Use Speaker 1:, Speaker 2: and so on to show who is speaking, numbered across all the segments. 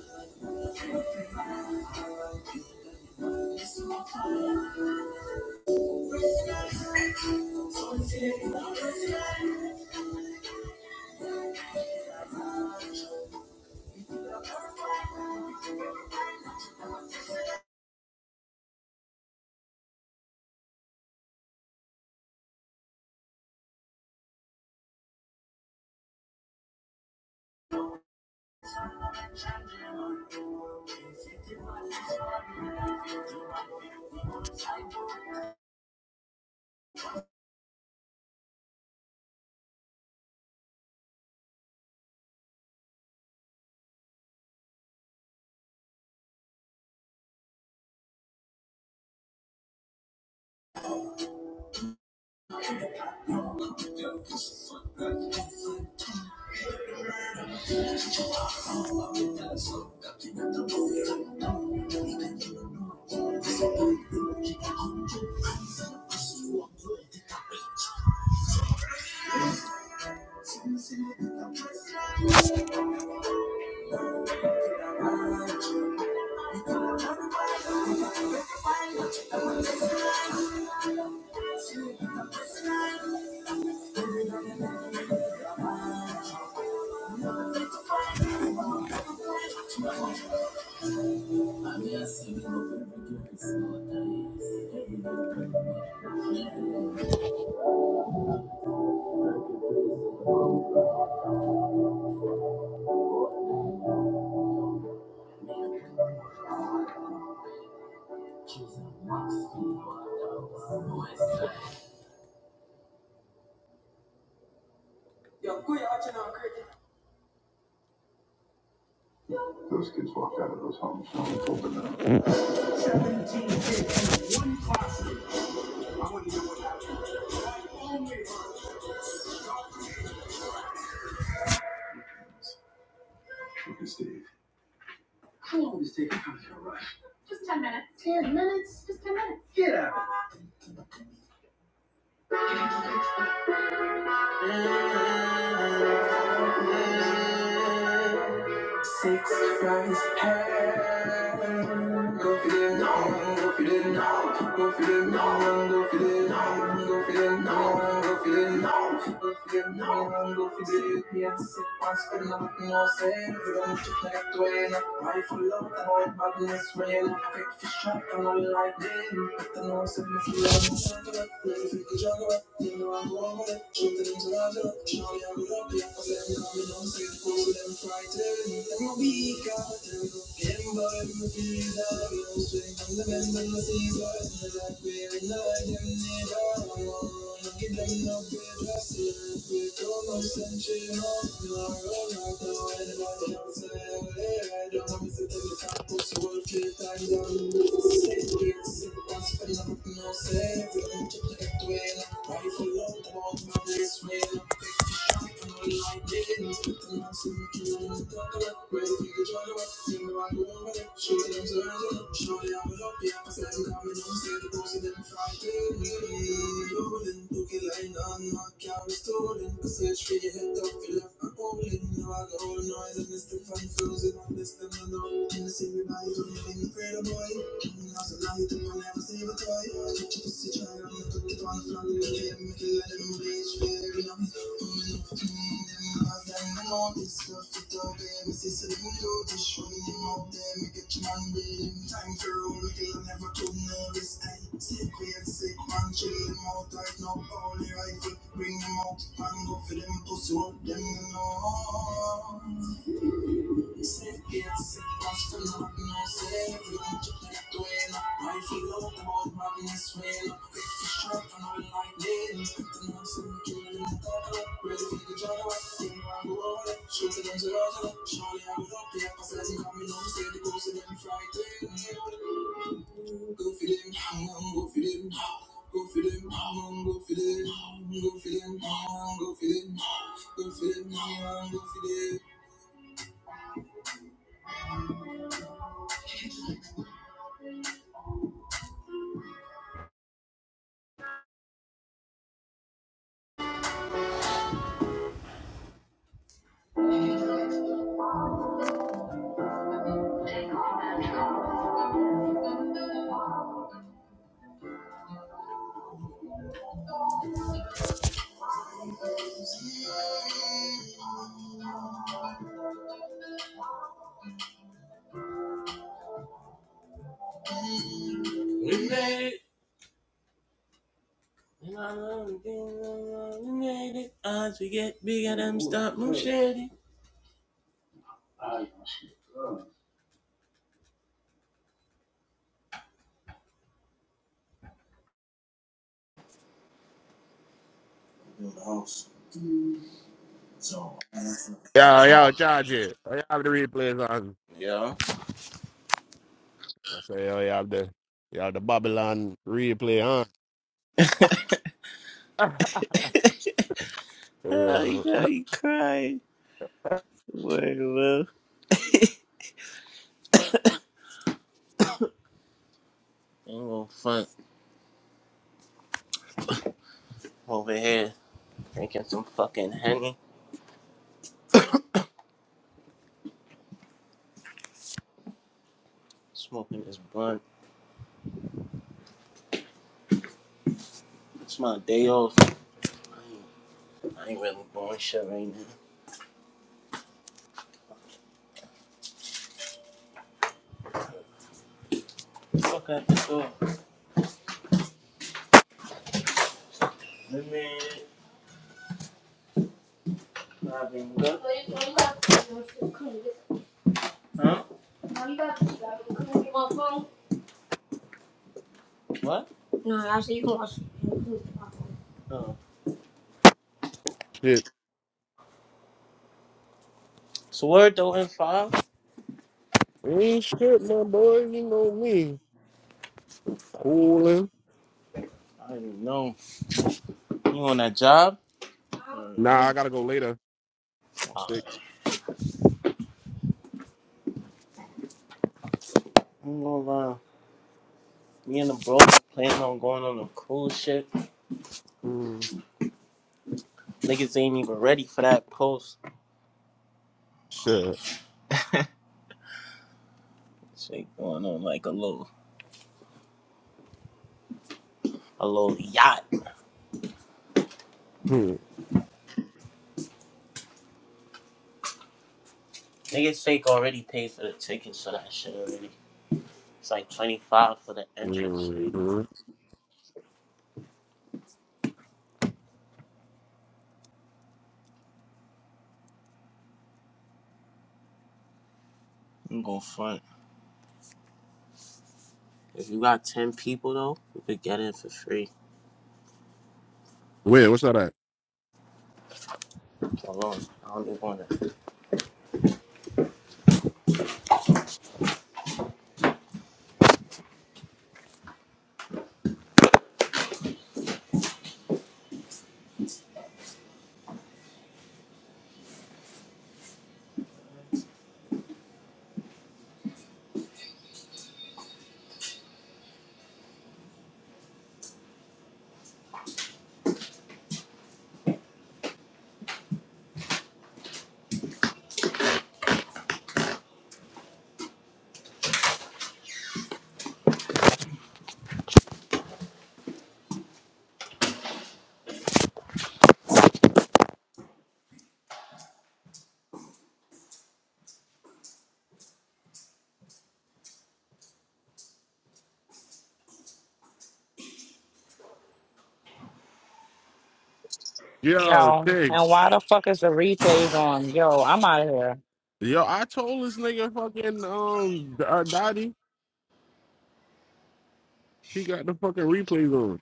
Speaker 1: It's my fault. Breaking up is so easy. Breaking up, breaking up. Breaking up is so easy. Thank you. Those kids walked out of those homes knowing Colton and Look at Steve. Take it from your right. Get out. Six nights hair. Go for it now, go for it now, go for it now, go for it now, go for it now, go for it now, go for it now, go for it. Yes, it was for nothing, no sin. We don't check like Dwayne. Rifle up, the whole madness rain. Quick for shot, and all lightning. But the noise of the flood. Juggle it, juggle it, you know I'm going with it. Truth and Show me I'm not fake. Cause they're coming, don't say the words, so they're frightened. They're more weak, I tell 'em. They don't believe that I'm strong. They don't see the light, they're like we're in the dark. They don't know where to go, they don't know how to breathe. They don't know how to survive. They don't know how to live. I'm too late to win. Why do you love to walk my best friend? I'm too shy to let him in. Too much to do in the dark. Why do you think I'm the one to see my girl? Show them signs, show them signs. I'm not the one to see them coming. I'm not the one to see them fighting. I'm too late to win. Time for all, never too nervous. Sequence, Sick man, chillin' them out right now. Only rifle, bring them out and go for them pussy up them no. Sick man, sick pass for nothing, no say. Everything chip that way, no rifle out about madness way. No quick for sharp and all like lightning. Spitting on some killing in the dark, ready for the job. Thing around the world, shooting them to us. Surely I will up here, pass it as he coming home, say the ghost of them frightened. Go for them, um, go for them, go for them, um, go for them, um, go for them, um, go for them, go for them, um, go for them. We made it. Get bigger than stop motion.
Speaker 2: Y'all, y'all charge it. Oh, you have the replays on. I say, oh, you have the, y'all have the Babylon replay on.
Speaker 1: Oh, you
Speaker 2: yeah,
Speaker 1: got me crying. Word, love. I'm gonna front over here drinking some fucking honey, smoking this blunt. It's my day off. I ain't, I ain't really doing shit right now. Fuck out the door. Man. Huh? What? No, I see you can Oh.
Speaker 2: shit.
Speaker 1: So where though in five?
Speaker 2: Ain't shit, my boy. You know me. Cooling.
Speaker 1: I don't even know. You on that job? I don't
Speaker 2: Nah,
Speaker 1: know.
Speaker 2: I gotta go later. Sick.
Speaker 1: I'm gonna lie. Me and the bro planning on going on a cruise ship.
Speaker 2: Mm,
Speaker 1: Niggas ain't even ready for that post.
Speaker 2: shit.
Speaker 1: Shake going on like a little a little yacht.
Speaker 2: Hmm.
Speaker 1: Niggas Shake already paid for the tickets for that shit already. It's like twenty five for the entrance.
Speaker 2: Mm.
Speaker 1: I'm going front. If you got ten people though, you could get in for free.
Speaker 2: Wait, what's that at?
Speaker 1: Hold on, I don't even want to.
Speaker 2: Yo,
Speaker 3: Yo, and
Speaker 2: thanks.
Speaker 3: why the fuck is the replays on? Yo, I'm out of here.
Speaker 2: Yo, I told this nigga fucking um uh, Dottie, he got the fucking replays on.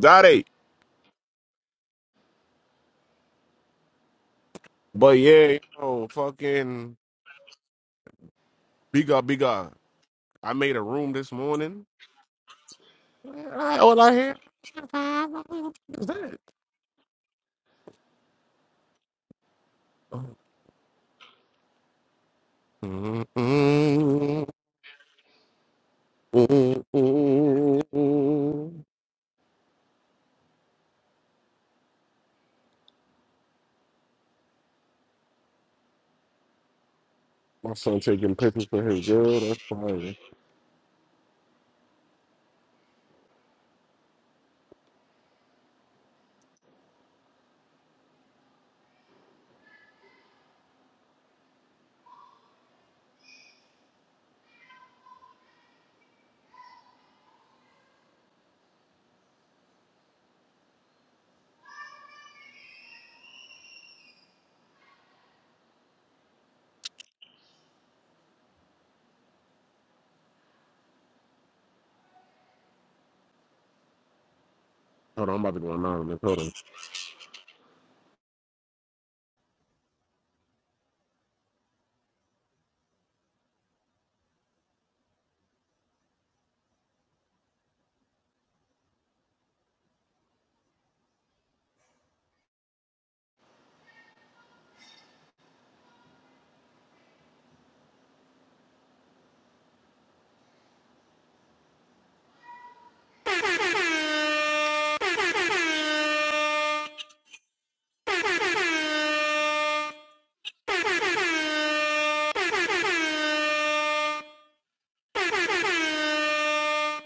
Speaker 2: Dottie. But yeah, yo, fucking bigger, bigger. I made a room this morning. I, all I hear is that. My son taking pictures for his girl. That's fine. Hold on, I'm about to go anonymous. Hold on.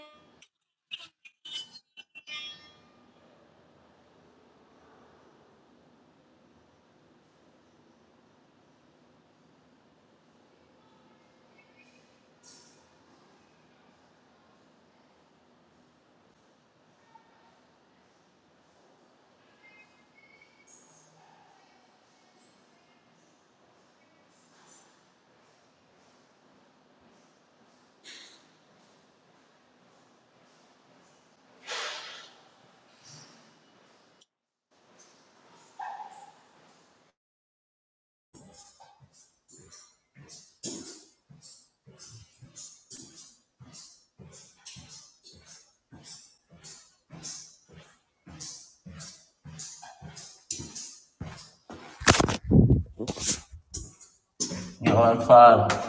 Speaker 1: One five.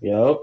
Speaker 1: Yep.